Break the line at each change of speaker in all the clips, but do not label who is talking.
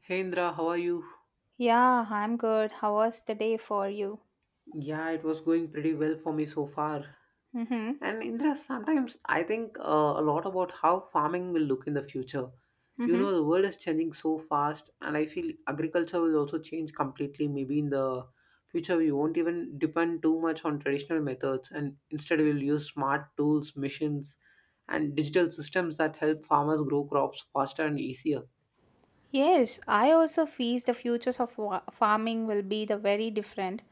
Hey Indra, how are you?
Yeah, I'm good. How was the day for you?
Yeah, it was going pretty well for me so far.
Mm-hmm.
And Indra, sometimes I think a lot about how farming will look in the future. You know,
Mm-hmm.
the world is changing so fast, and I feel agriculture will also change completely. Maybe in the future, we won't even depend too much on traditional methods, and instead, we'll use smart tools, machines, and digital systems that help farmers grow crops faster and easier.
Yes, I also feel the futures of farming will be the very different.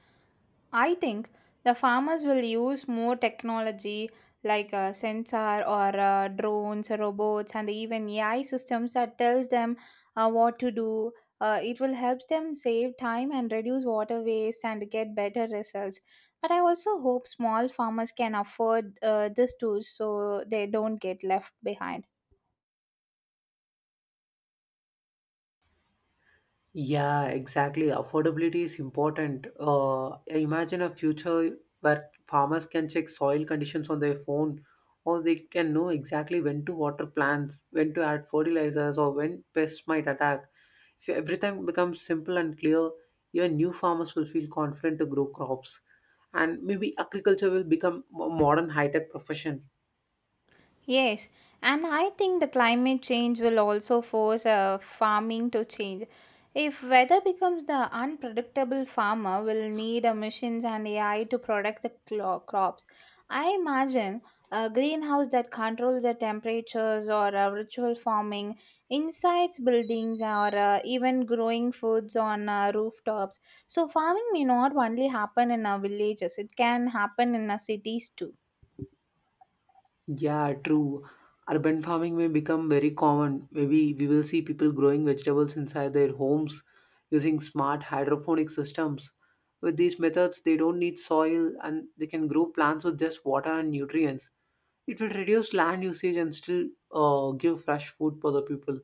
I think the farmers will use more technology like a sensor or drones, robots, and even AI systems that tells them what to do. It will help them save time and reduce water waste and get better results. But I also hope small farmers can afford these tools so they don't get left behind.
Yeah, exactly. Affordability is important. Imagine a future where farmers can check soil conditions on their phone, or they can know exactly when to water plants, when to add fertilizers, or when pests might attack. If everything becomes simple and clear, even new farmers will feel confident to grow crops. And maybe agriculture will become a modern high tech profession.
Yes, and I think the climate change will also force farming to change. If weather becomes the unpredictable, farmer will need machines and AI to protect the crops. I imagine a greenhouse that controls the temperatures or ritual farming inside buildings or even growing foods on rooftops. So farming may not only happen in our villages; it can happen in our cities too.
Yeah, true. Urban farming may become very common. Maybe we will see people growing vegetables inside their homes using smart hydroponic systems. With these methods, they don't need soil and they can grow plants with just water and nutrients. It will reduce land usage and still give fresh food for the people.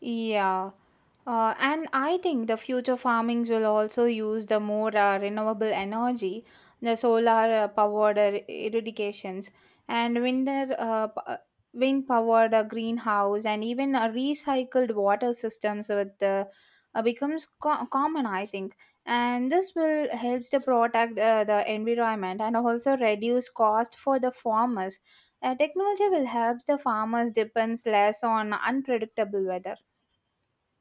Yeah. And I think the future farmings will also use the more renewable energy, the solar powered irrigations and wind powered greenhouse and even recycled water systems with the becomes common, I think. And this will helps to protect the environment and also reduce cost for the farmers. Technology will helps the farmers depends less on unpredictable weather.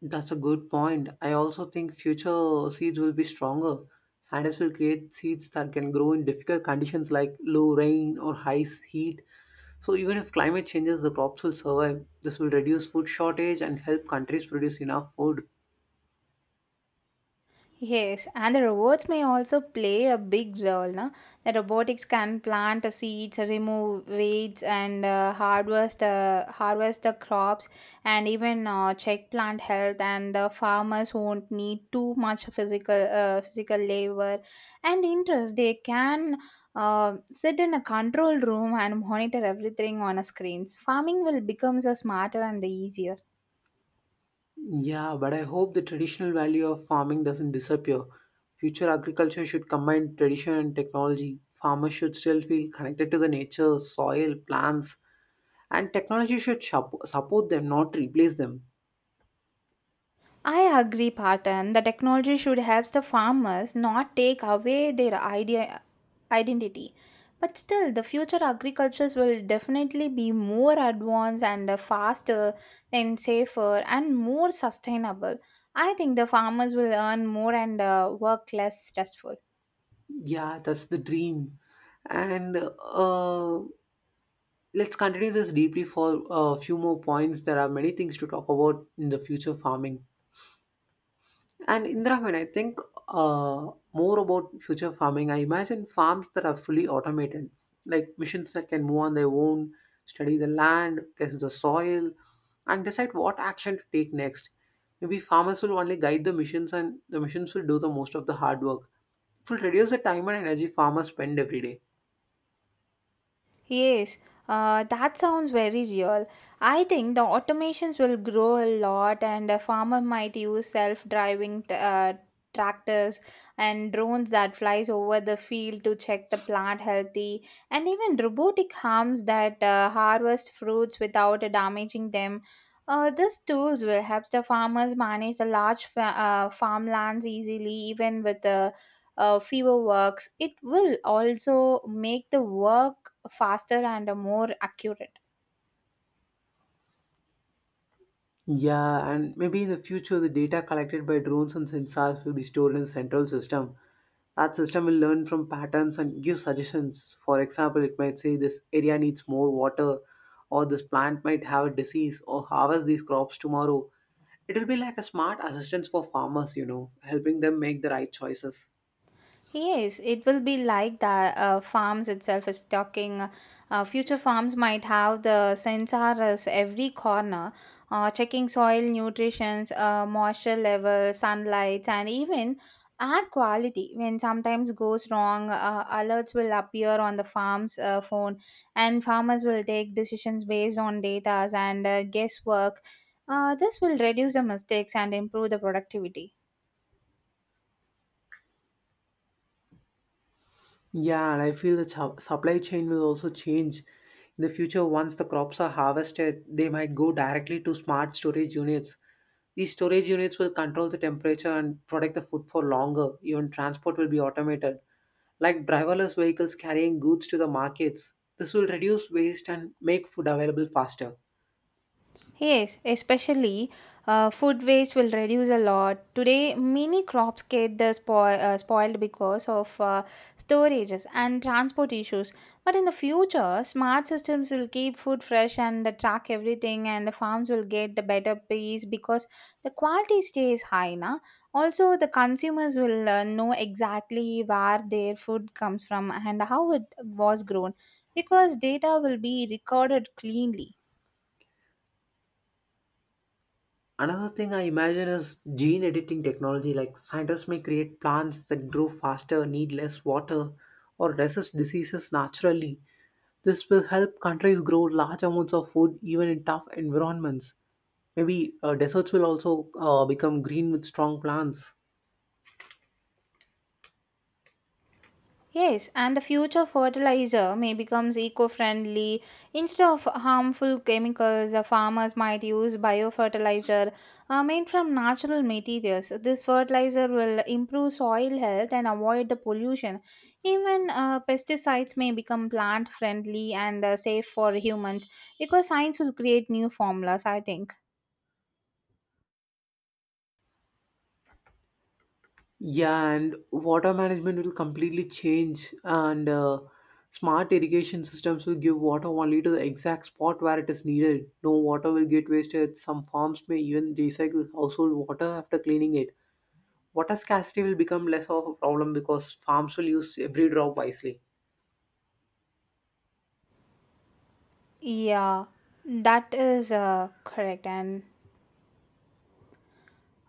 That's a good point. I also think future seeds will be stronger. Scientists will create seeds that can grow in difficult conditions like low rain or heat. So even if climate changes, the crops will survive. This will reduce food shortage and help countries produce enough food.
Yes, and the robots may also play a big role. No? The robotics can plant the seeds, remove weeds, and harvest the crops, and even check plant health. And the farmers won't need too much physical labor and interest. They can sit in a control room and monitor everything on a screen. Farming will becomes a smarter and the easier.
Yeah, but I hope the traditional value of farming doesn't disappear. Future agriculture should combine tradition and technology. Farmers should still feel connected to the nature, soil, plants, and technology should support them, not replace them.
I agree, Parthan. The technology should help the farmers not take away their identity. But still, the future agricultures will definitely be more advanced and faster and safer and more sustainable. I think the farmers will earn more and work less stressful.
Yeah, that's the dream. And let's continue this deeply for a few more points. There are many things to talk about in the future farming. And Indra, when I think uh, more about future farming, I imagine farms that are fully automated, like machines that can move on their own, study the land, test the soil, and decide what action to take next. Maybe farmers will only guide the machines, and the machines will do the most of the hard work. It will reduce the time and energy farmers spend every day.
Yes, that sounds very real. I think the automations will grow a lot, and a farmer might use self-driving tractors and drones that flies over the field to check the plant healthy, and even robotic arms that harvest fruits without damaging them. These tools will help the farmers manage the large farmlands easily, even with the fewer works. It will also make the work faster and more accurate.
Yeah, and maybe in the future, the data collected by drones and sensors will be stored in a central system. That system will learn from patterns and give suggestions. For example, it might say this area needs more water, or this plant might have a disease, or harvest these crops tomorrow. It will be like a smart assistance for farmers, you know, helping them make the right choices.
Yes, it will be like that. Uh, farms itself is talking Future farms might have the sensors every corner, checking soil nutrition, moisture level, sunlight, and even air quality. When sometimes goes wrong, alerts will appear on the farm's phone and farmers will take decisions based on data and guesswork. This will reduce the mistakes and improve the productivity.
Yeah, and I feel the supply chain will also change. In the future, once the crops are harvested, they might go directly to smart storage units. These storage units will control the temperature and protect the food for longer. Even transport will be automated, like driverless vehicles carrying goods to the markets. This will reduce waste and make food available faster.
Yes, especially food waste will reduce a lot. Today, many crops get the spoiled because of storages and transport issues. But in the future, smart systems will keep food fresh and they track everything, and the farms will get the better price because the quality stays high. Na? Also, the consumers will know exactly where their food comes from and how it was grown because data will be recorded cleanly.
Another thing I imagine is gene editing technology, like scientists may create plants that grow faster, need less water, or resist diseases naturally. This will help countries grow large amounts of food even in tough environments. Maybe deserts will also become green with strong plants.
Yes, and the future fertilizer may becomes eco-friendly. Instead of harmful chemicals, farmers might use biofertilizer made from natural materials. This fertilizer will improve soil health and avoid the pollution. Even pesticides may become plant-friendly and safe for humans because science will create new formulas, I think.
Yeah, and water management will completely change, and smart irrigation systems will give water only to the exact spot where it is needed. No water will get wasted. Some farms may even recycle household water after cleaning it. Water scarcity will become less of a problem because farms will use every drop wisely.
Yeah, that is correct. And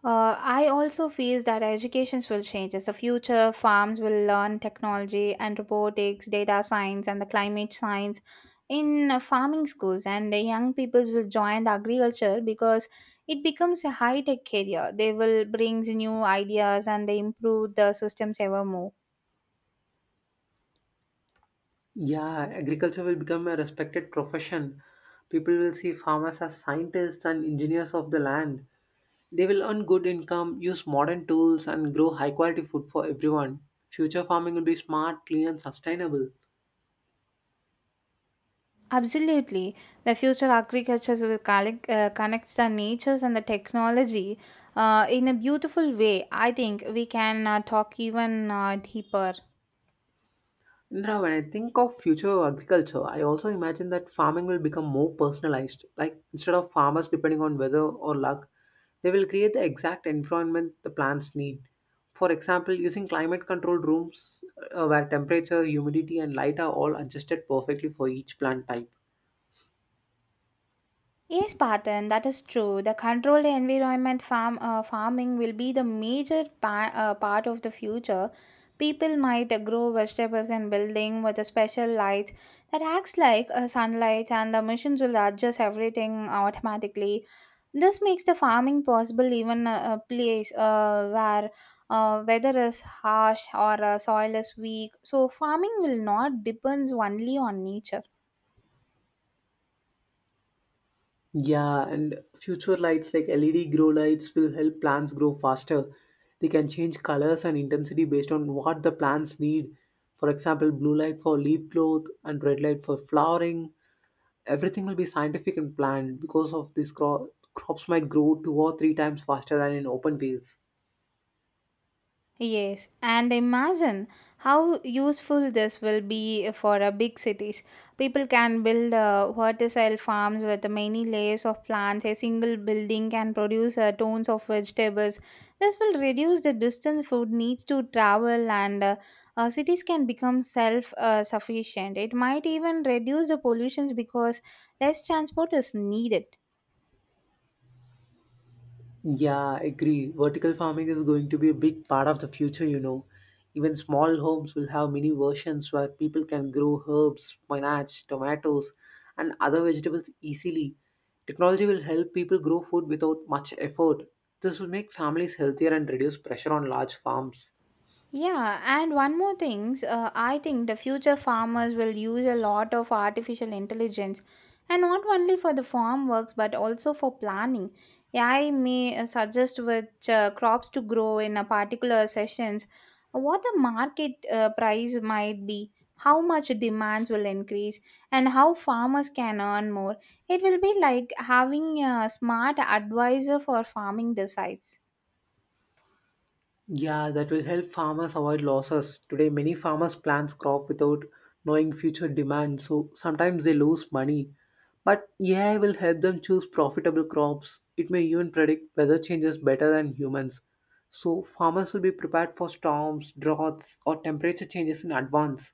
I also feel that educations will change. As the future, farms will learn technology and robotics, data science, and the climate science in farming schools, and the young peoples will join the agriculture because it becomes a high tech career. They will bring new ideas and they improve the systems ever more.
Yeah, agriculture will become a respected profession. People will see farmers as scientists and engineers of the land. They will earn good income, use modern tools, and grow high quality food for everyone. Future farming will be smart, clean, and sustainable.
Absolutely, the future agriculture will connect the natures and the technology in a beautiful way. I think we can talk even deeper.
Indra, when I think of future agriculture, I also imagine that farming will become more personalized. Like instead of farmers depending on weather or luck, they will create the exact environment the plants need. For example, using climate controlled rooms where temperature, humidity, and light are all adjusted perfectly for each plant type.
Yes, Patan, that is true. The controlled environment farming will be the major part of the future. People might grow vegetables in building with a special light that acts like sunlight, and the machines will adjust everything automatically. This makes the farming possible even a place where weather is harsh or soil is weak. So farming will not depends only on nature.
Yeah, and future lights like LED grow lights will help plants grow faster. They can change colors and intensity based on what the plants need. For example, blue light for leaf growth and red light for flowering. Everything will be scientific and planned because of this crops might grow two or three times faster than in open fields.
Yes, and imagine how useful this will be for big cities. People can build verticile farms with many layers of plants. A single building can produce tons of vegetables. This will reduce the distance food needs to travel, and cities can become self sufficient. It might even reduce the pollutions because less transport is needed.
Yeah, I agree. Vertical farming is going to be a big part of the future, you know. Even small homes will have mini versions where people can grow herbs, spinach, tomatoes, and other vegetables easily. Technology will help people grow food without much effort. This will make families healthier and reduce pressure on large farms.
Yeah, and one more thing, I think the future farmers will use a lot of artificial intelligence and not only for the farm works but also for planning. AI may suggest which crops to grow in a particular sessions, what the market price might be, how much demands will increase, and how farmers can earn more. It will be like having a smart advisor for farming decides.
Yeah, that will help farmers avoid losses. Today, many farmers plant crop without knowing future demand, so sometimes they lose money. But AI will help them choose profitable crops. It may even predict weather changes better than humans. So farmers will be prepared for storms, droughts, or temperature changes in advance.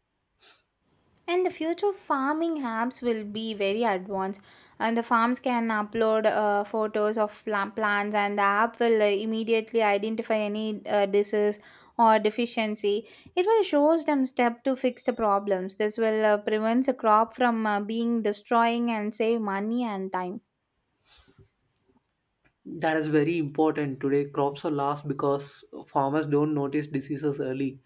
And the future farming apps will be very advanced, and the farms can upload photos of plants, and the app will immediately identify any disease or deficiency. It will shows them step to fix the problems. This will prevent the crop from being destroying and save money and time.
That is very important. Today, crops are lost because farmers don't notice diseases early.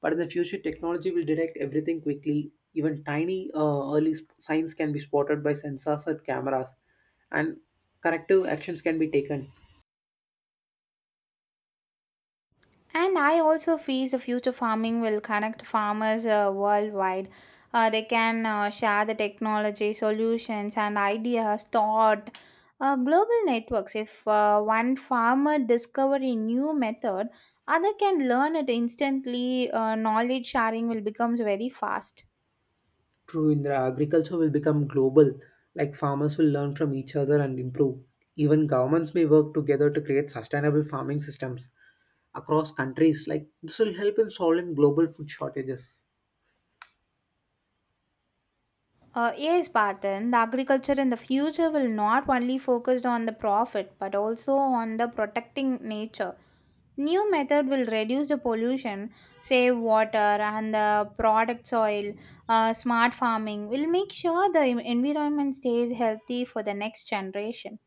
But in the future, technology will detect everything quickly. Even tiny early signs can be spotted by sensors or cameras, and corrective actions can be taken.
And I also feel the future farming will connect farmers worldwide. They can share the technology, solutions, and ideas. Thought, global networks. If one farmer discover a new method, other can learn it instantly. Knowledge sharing will becomes very fast.
True, Indra, agriculture will become global, like farmers will learn from each other and improve. Even governments may work together to create sustainable farming systems across countries. Like this will help in solving global food shortages.
Yes, Parthen, the agriculture in the future will not only focus on the profit but also on the protecting nature. New method will reduce the pollution, save water, and the product soil. Smart farming will make sure the environment stays healthy for the next generation.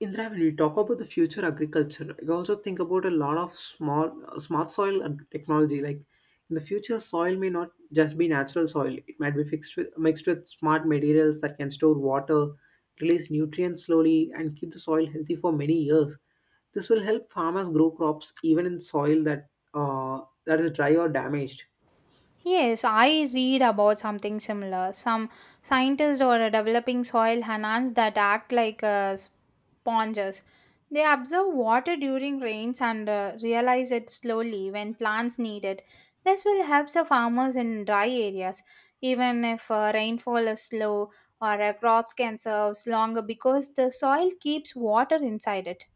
Indra, when we talk about the future agriculture, I also think about a lot of small smart soil technology. Like in the future, soil may not just be natural soil; it might be mixed with smart materials that can store water, release nutrients slowly, and keep the soil healthy for many years. This will help farmers grow crops even in soil that that is dry or damaged.
Yes, I read about something similar. Some scientists are developing soil enhance that act like sponges. They observe water during rains and realize it slowly when plants need it. This will help the farmers in dry areas, even if rainfall is slow or crops can survive longer because the soil keeps water inside it.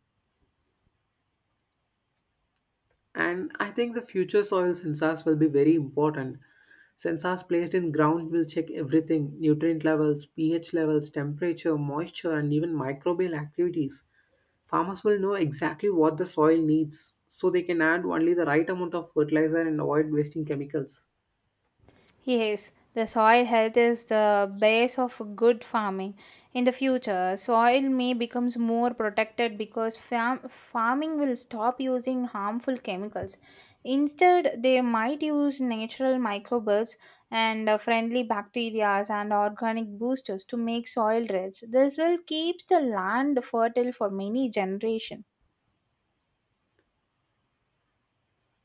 And I think the future soil sensors will be very important. Sensors placed in ground will check everything nutrient levels, pH levels, temperature, moisture, and even microbial activities. Farmers will know exactly what the soil needs so they can add only the right amount of fertilizer and avoid wasting chemicals.
Yes, the soil health is the base of good farming. In the future, soil may becomes more protected because farming will stop using harmful chemicals. Instead, they might use natural microbials and friendly bacteria and organic boosters to make soil rich. This will keeps the land fertile for many generations.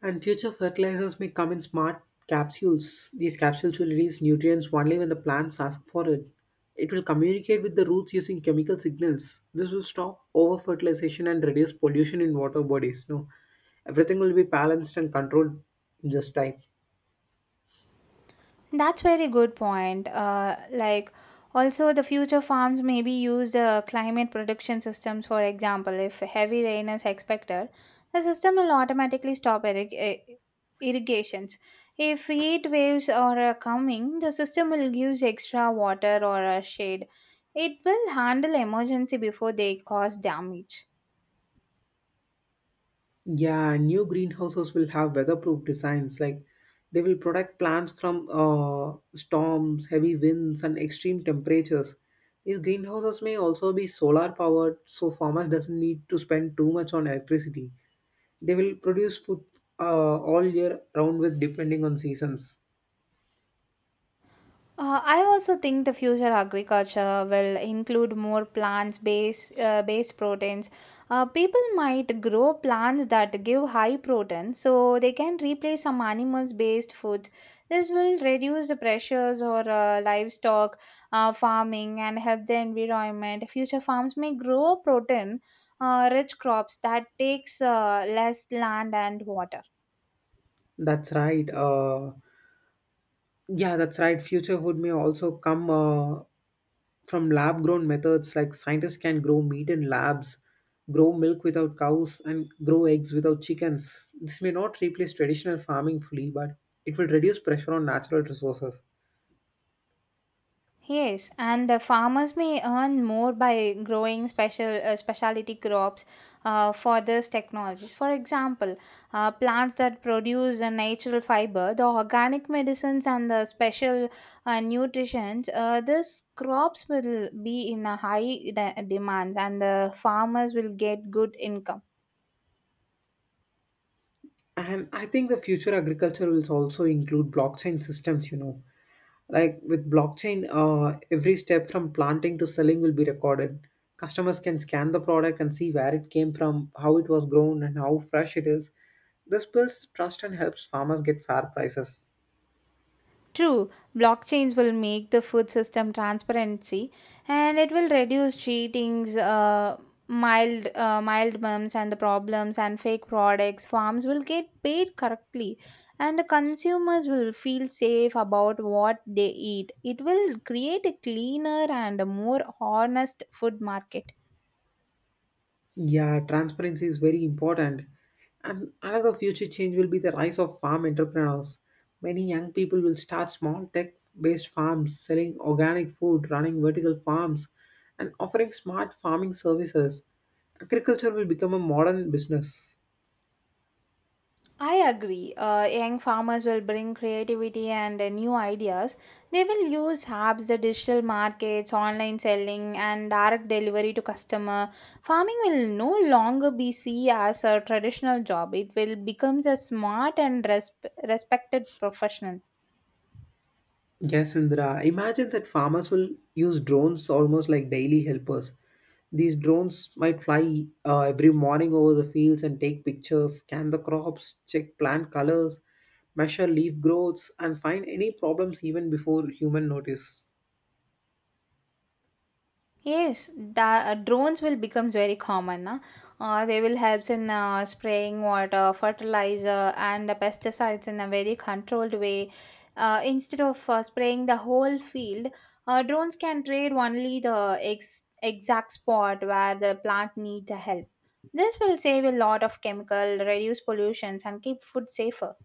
And future fertilizers may come in smart capsules. These capsules will release nutrients only when the plants ask for it. It will communicate with the roots using chemical signals. This will stop over fertilization and reduce pollution in water bodies. No, everything will be balanced and controlled in this time.
That's very good point. Like also the future farms may be used climate prediction systems. For example, if heavy rain is expected, the system will automatically stop irrigations. If heat waves are coming, the system will use extra water or shade. It will handle emergency before they cause damage.
Yeah, new greenhouses will have weatherproof designs. Like they will protect plants from storms, heavy winds, and extreme temperatures. These greenhouses may also be solar powered, so farmers doesn't need to spend too much on electricity. They will produce food all year round with depending on seasons.
I also think the future agriculture will include more plants-based based proteins. People might grow plants that give high protein, so they can replace some animals-based foods. This will reduce the pressures or livestock farming and help the environment. Future farms may grow protein-rich crops that takes less land and water.
That's right. Yeah, that's right. Future food may also come from lab grown methods like scientists can grow meat in labs, grow milk without cows, and grow eggs without chickens. This may not replace traditional farming fully, but it will reduce pressure on natural resources.
Yes, and the farmers may earn more by growing specialty crops for these technologies. For example, plants that produce a natural fiber, the organic medicines, and the special nutritions. These crops will be in a high demand, and the farmers will get good income.
And I think the future agriculture will also include blockchain systems, you know. Like with blockchain, every step from planting to selling will be recorded. Customers can scan the product and see where it came from, how it was grown, and how fresh it is. This builds trust and helps farmers get fair prices.
True, blockchains will make the food system transparency and it will reduce cheatings, mild mums and the problems and fake products. Farms will get paid correctly and the consumers will feel safe about what they eat. It will create a cleaner and a more honest food market.
Yeah, transparency is very important. And another future change will be the rise of farm entrepreneurs. Many young people will start small tech based farms, selling organic food, running vertical farms, and offering smart farming services. Agriculture will become a modern business.
I agree. Young farmers will bring creativity and new ideas. They will use apps, the digital markets, online selling, and direct delivery to customer. Farming will no longer be seen as a traditional job. It will becomes a smart and respected professional.
Yes, Indra. Imagine that farmers will use drones almost like daily helpers. These drones might fly every morning over the fields and take pictures, scan the crops, check plant colors, measure leaf growths, and find any problems even before human notice.
Yes, the drones will become very common. Na. They will help in spraying water, fertilizer, and the pesticides in a very controlled way. Instead of spraying the whole field, drones can trade only the exact spot where the plant needs the help. This will save a lot of chemical, reduce pollutions, and keep food safer.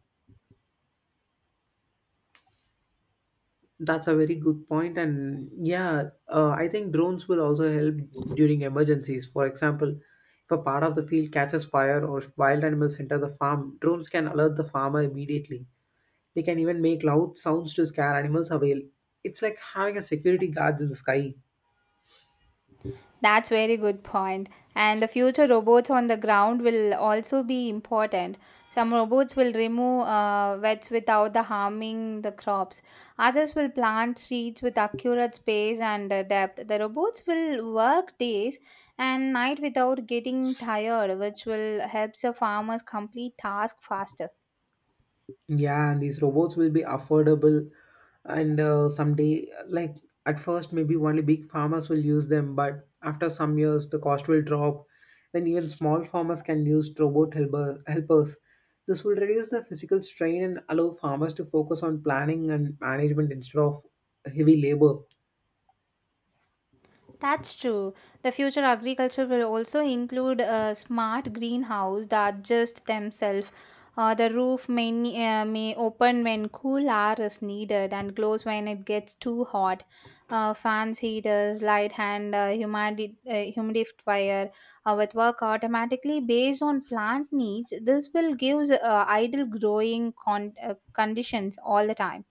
That's a very good point, and yeah, I think drones will also help during emergencies. For example, if a part of the field catches fire or if wild animals enter the farm, drones can alert the farmer immediately. They can even make loud sounds to scare animals away. It's like having a security guard in the sky.
That's very good point. And the future robots on the ground will also be important. Some robots will remove weeds without the harming the crops. Others will plant seeds with accurate space and depth. The robots will work days and night without getting tired, which will help the farmers complete tasks faster.
Yeah, and these robots will be affordable, and someday, like at first, maybe only big farmers will use them, but after some years, the cost will drop. Then even small farmers can use helpers. This will reduce the physical strain and allow farmers to focus on planning and management instead of heavy labor.
That's true. The future agriculture will also include a smart greenhouse that adjust themselves. The roof may open when cool air is needed and close when it gets too hot. Fans, heaters, light and humidifier with work automatically based on plant needs. This will give ideal growing conditions all the time.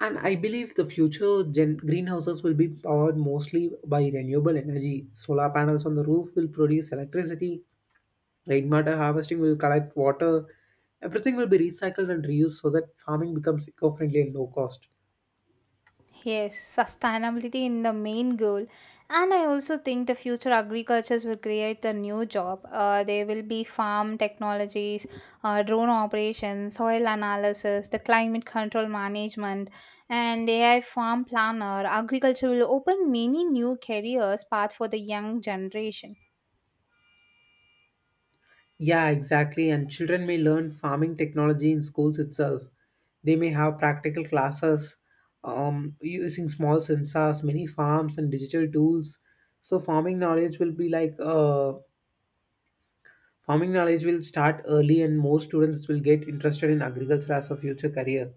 And I believe the future greenhouses will be powered mostly by renewable energy. Solar panels on the roof will produce electricity, rainwater harvesting will collect water, everything will be recycled and reused so that farming becomes eco friendly and low cost.
Yes, sustainability in the main goal. And I also think the future agricultures will create the new job. There will be farm technologies, drone operations, soil analysis, the climate control management, and AI farm planner. Agriculture will open many new careers path for the young generation.
Yeah, exactly. And children may learn farming technology in schools itself. They may have practical classes using small sensors, mini farms, and digital tools. So farming knowledge will be like Farming knowledge will start early, and more students will get interested in agriculture as a future career.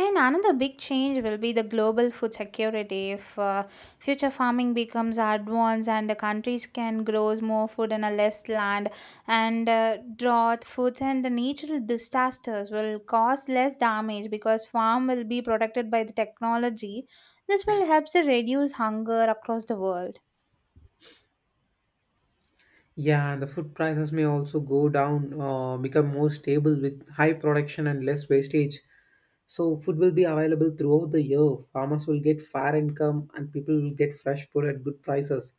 And another big change will be the global food security. If Future farming becomes advanced and the countries can grow more food on a less land, and drought, foods, and the natural disasters will cause less damage because farm will be protected by the technology. This will help to reduce hunger across the world.
Yeah, the food prices may also go down, become more stable with high production and less wastage. So, food will be available throughout the year. Farmers will get fair income, and people will get fresh food at good prices.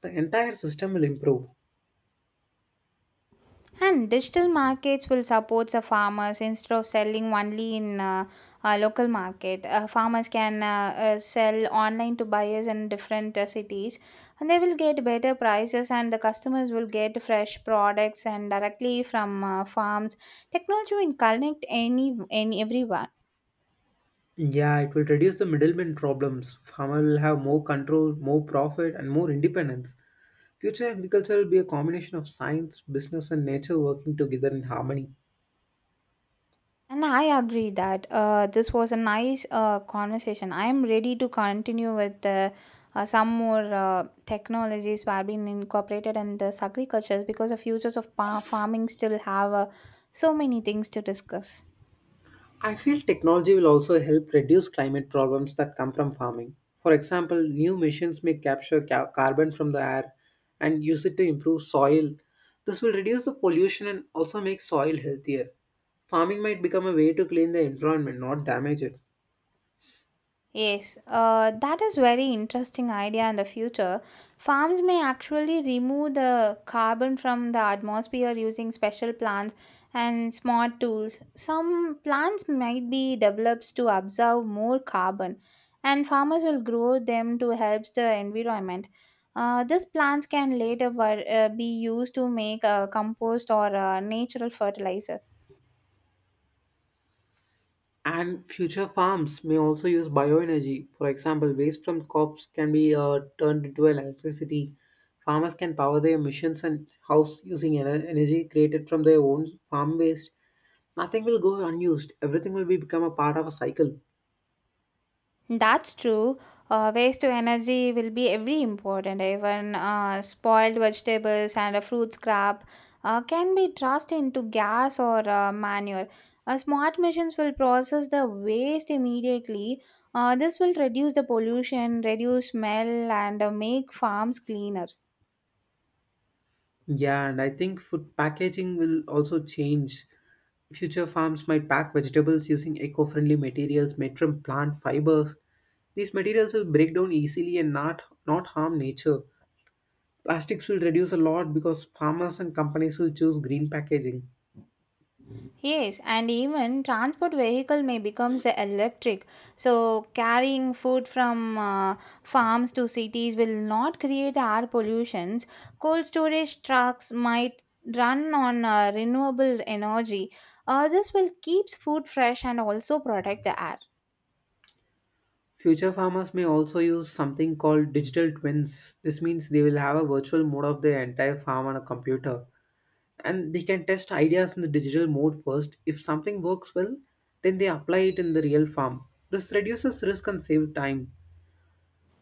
The entire system will improve.
And digital markets will support the farmers instead of selling only in local market. Farmers can sell online to buyers in different cities, and they will get better prices. And the customers will get fresh products and directly from farms. Technology will connect any everyone.
Yeah, it will reduce the middleman problems. Farmer will have more control, more profit, and more independence. Future agriculture will be a combination of science, business, and nature working together in harmony.
And I agree that this was a nice conversation. I am ready to continue with some more technologies that have been incorporated in this agriculture because the futures of farming still have so many things to discuss.
I feel technology will also help reduce climate problems that come from farming. For example, new machines may capture carbon from the air and use it to improve soil. This will reduce the pollution and also make soil healthier. Farming might become a way to clean the environment, not damage it.
Yes, that is very interesting idea in the future. Farms may actually remove the carbon from the atmosphere using special plants and smart tools. Some plants might be developed to absorb more carbon, and farmers will grow them to help the environment. These plants can later be used to make compost or natural fertilizer.
And future farms may also use bioenergy. For example, waste from crops can be turned into electricity. Farmers can power their machines and house using energy created from their own farm waste. Nothing will go unused. Everything will be become a part of a cycle.
That's true. Waste to energy will be every important. Even spoiled vegetables and a fruit scrap can be tossed into gas or manure. Smart machines will process the waste immediately. This will reduce the pollution, reduce smell, and make farms cleaner.
Yeah, and I think food packaging will also change. Future farms might pack vegetables using eco-friendly materials made from plant fibers. These materials will break down easily and not harm nature. Plastics will reduce a lot because farmers and companies will choose green packaging.
Yes, and even transport vehicle may becomes the electric. So carrying food from farms to cities will not create air pollutions. Cold storage trucks might run on renewable energy. This will keeps food fresh and also protect the air.
Future farmers may also use something called digital twins. This means they will have a virtual mode of their entire farm on a computer. And they can test ideas in the digital mode first. If something works well, then they apply it in the real farm. This reduces risk and save time.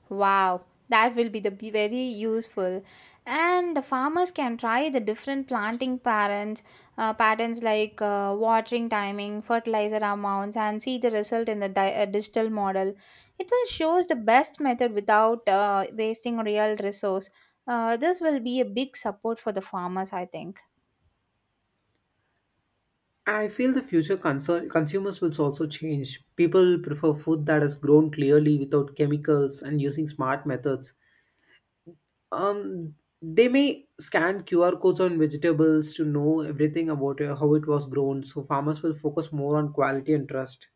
Wow, that will be the be very useful. And the farmers can try the different planting patterns, patterns like watering timing, fertilizer amounts, and see the result in the digital model. It will shows the best method without wasting real resource. This will be a big support for the farmers, I think.
And I feel the future consumers will also change. People prefer food that is grown clearly without chemicals and using smart methods. um they may scan QR codes on vegetables to know everything about how it was grown. So farmers will focus more on quality and trust.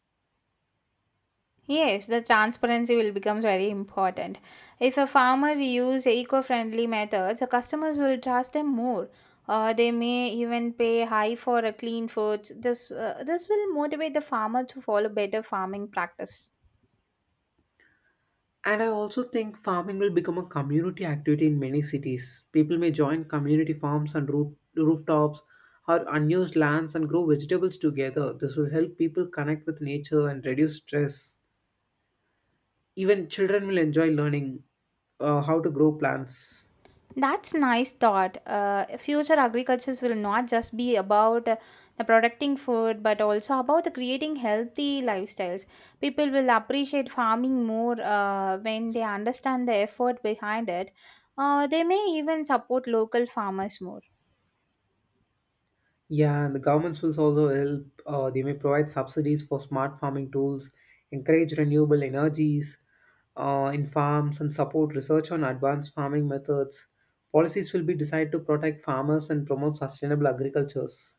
Yes, the transparency will become very important. If a farmer use eco-friendly methods, the customers will trust them more. They may even pay high for a clean foods. This will motivate the farmer to follow better farming practice.
And I also think farming will become a community activity. In many cities people may join community farms and rooftops or unused lands and grow vegetables together. This will help people connect with nature and reduce stress. Even children will enjoy learning how to grow plants.
That's nice thought. Future agricultures will not just be about the protecting food, but also about the creating healthy lifestyles. People will appreciate farming more when they understand the effort behind it. They may even support local farmers more.
Yeah, and the governments will also help. They may provide subsidies for smart farming tools, encourage renewable energies in farms, and support research on advanced farming methods. Policies will be designed to protect farmers and promote sustainable agricultures.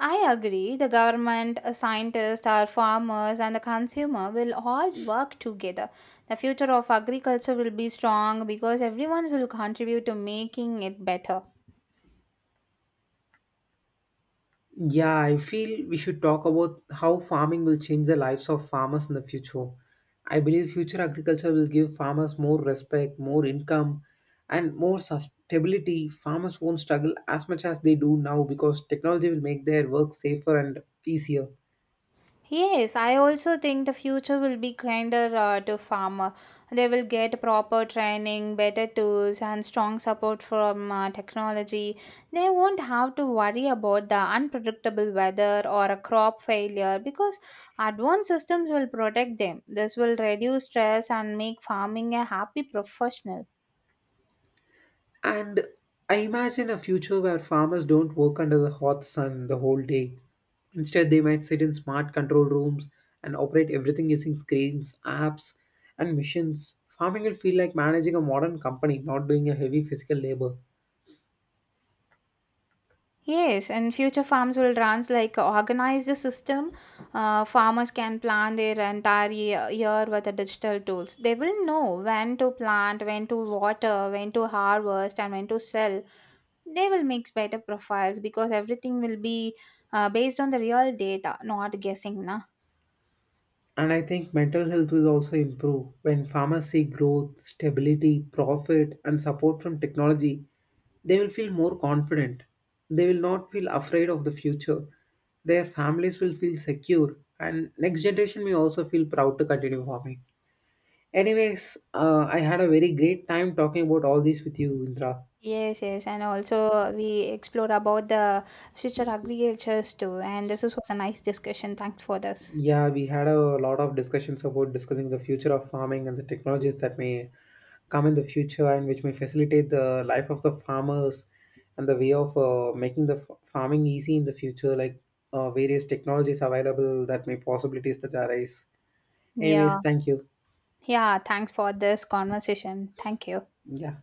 I agree. The government, scientists, our farmers, and the consumer will all work together. The future of agriculture will be strong because everyone will contribute to making it better.
Yeah, I feel we should talk about how farming will change the lives of farmers in the future. I believe future agriculture will give farmers more respect, more income, and more stability. Farmers won't struggle as much as they do now because technology will make their work safer and easier.
Yes, I also think the future will be kinder to farmer. They will get proper training, better tools, and strong support from technology. They won't have to worry about the unpredictable weather or a crop failure because advanced systems will protect them. This will reduce stress and make farming a happy professional.
And I imagine a future where farmers don't work under the hot sun the whole day. Instead, they might sit in smart control rooms and operate everything using screens, apps, and machines. Farming will feel like managing a modern company, not doing a heavy physical labor.
Yes, and future farms will run like organize the system. Farmers can plan their entire year with the digital tools. They will know when to plant, when to water, when to harvest, and when to sell. They will mix better profiles because everything will be based on the real data, not guessing, na.
And I think mental health will also improve when farmers see growth, stability, profit, and support from technology. They will feel more confident. They will not feel afraid of the future. Their families will feel secure, and next generation may also feel proud to continue farming. Anyways, I had a very great time talking about all this with you, Indra.
Yes, yes, and also we explore about the future agricultures too. And this was a nice discussion. Thanks for this.
Yeah, we had a lot of discussions about discussing the future of farming and the technologies that may come in the future and which may facilitate the life of the farmers and the way of making the farming easy in the future, like various technologies available that may possibilities that arise.
Yeah.
Anyways, thank you.
Yeah, thanks for this conversation. Thank you.
Yeah.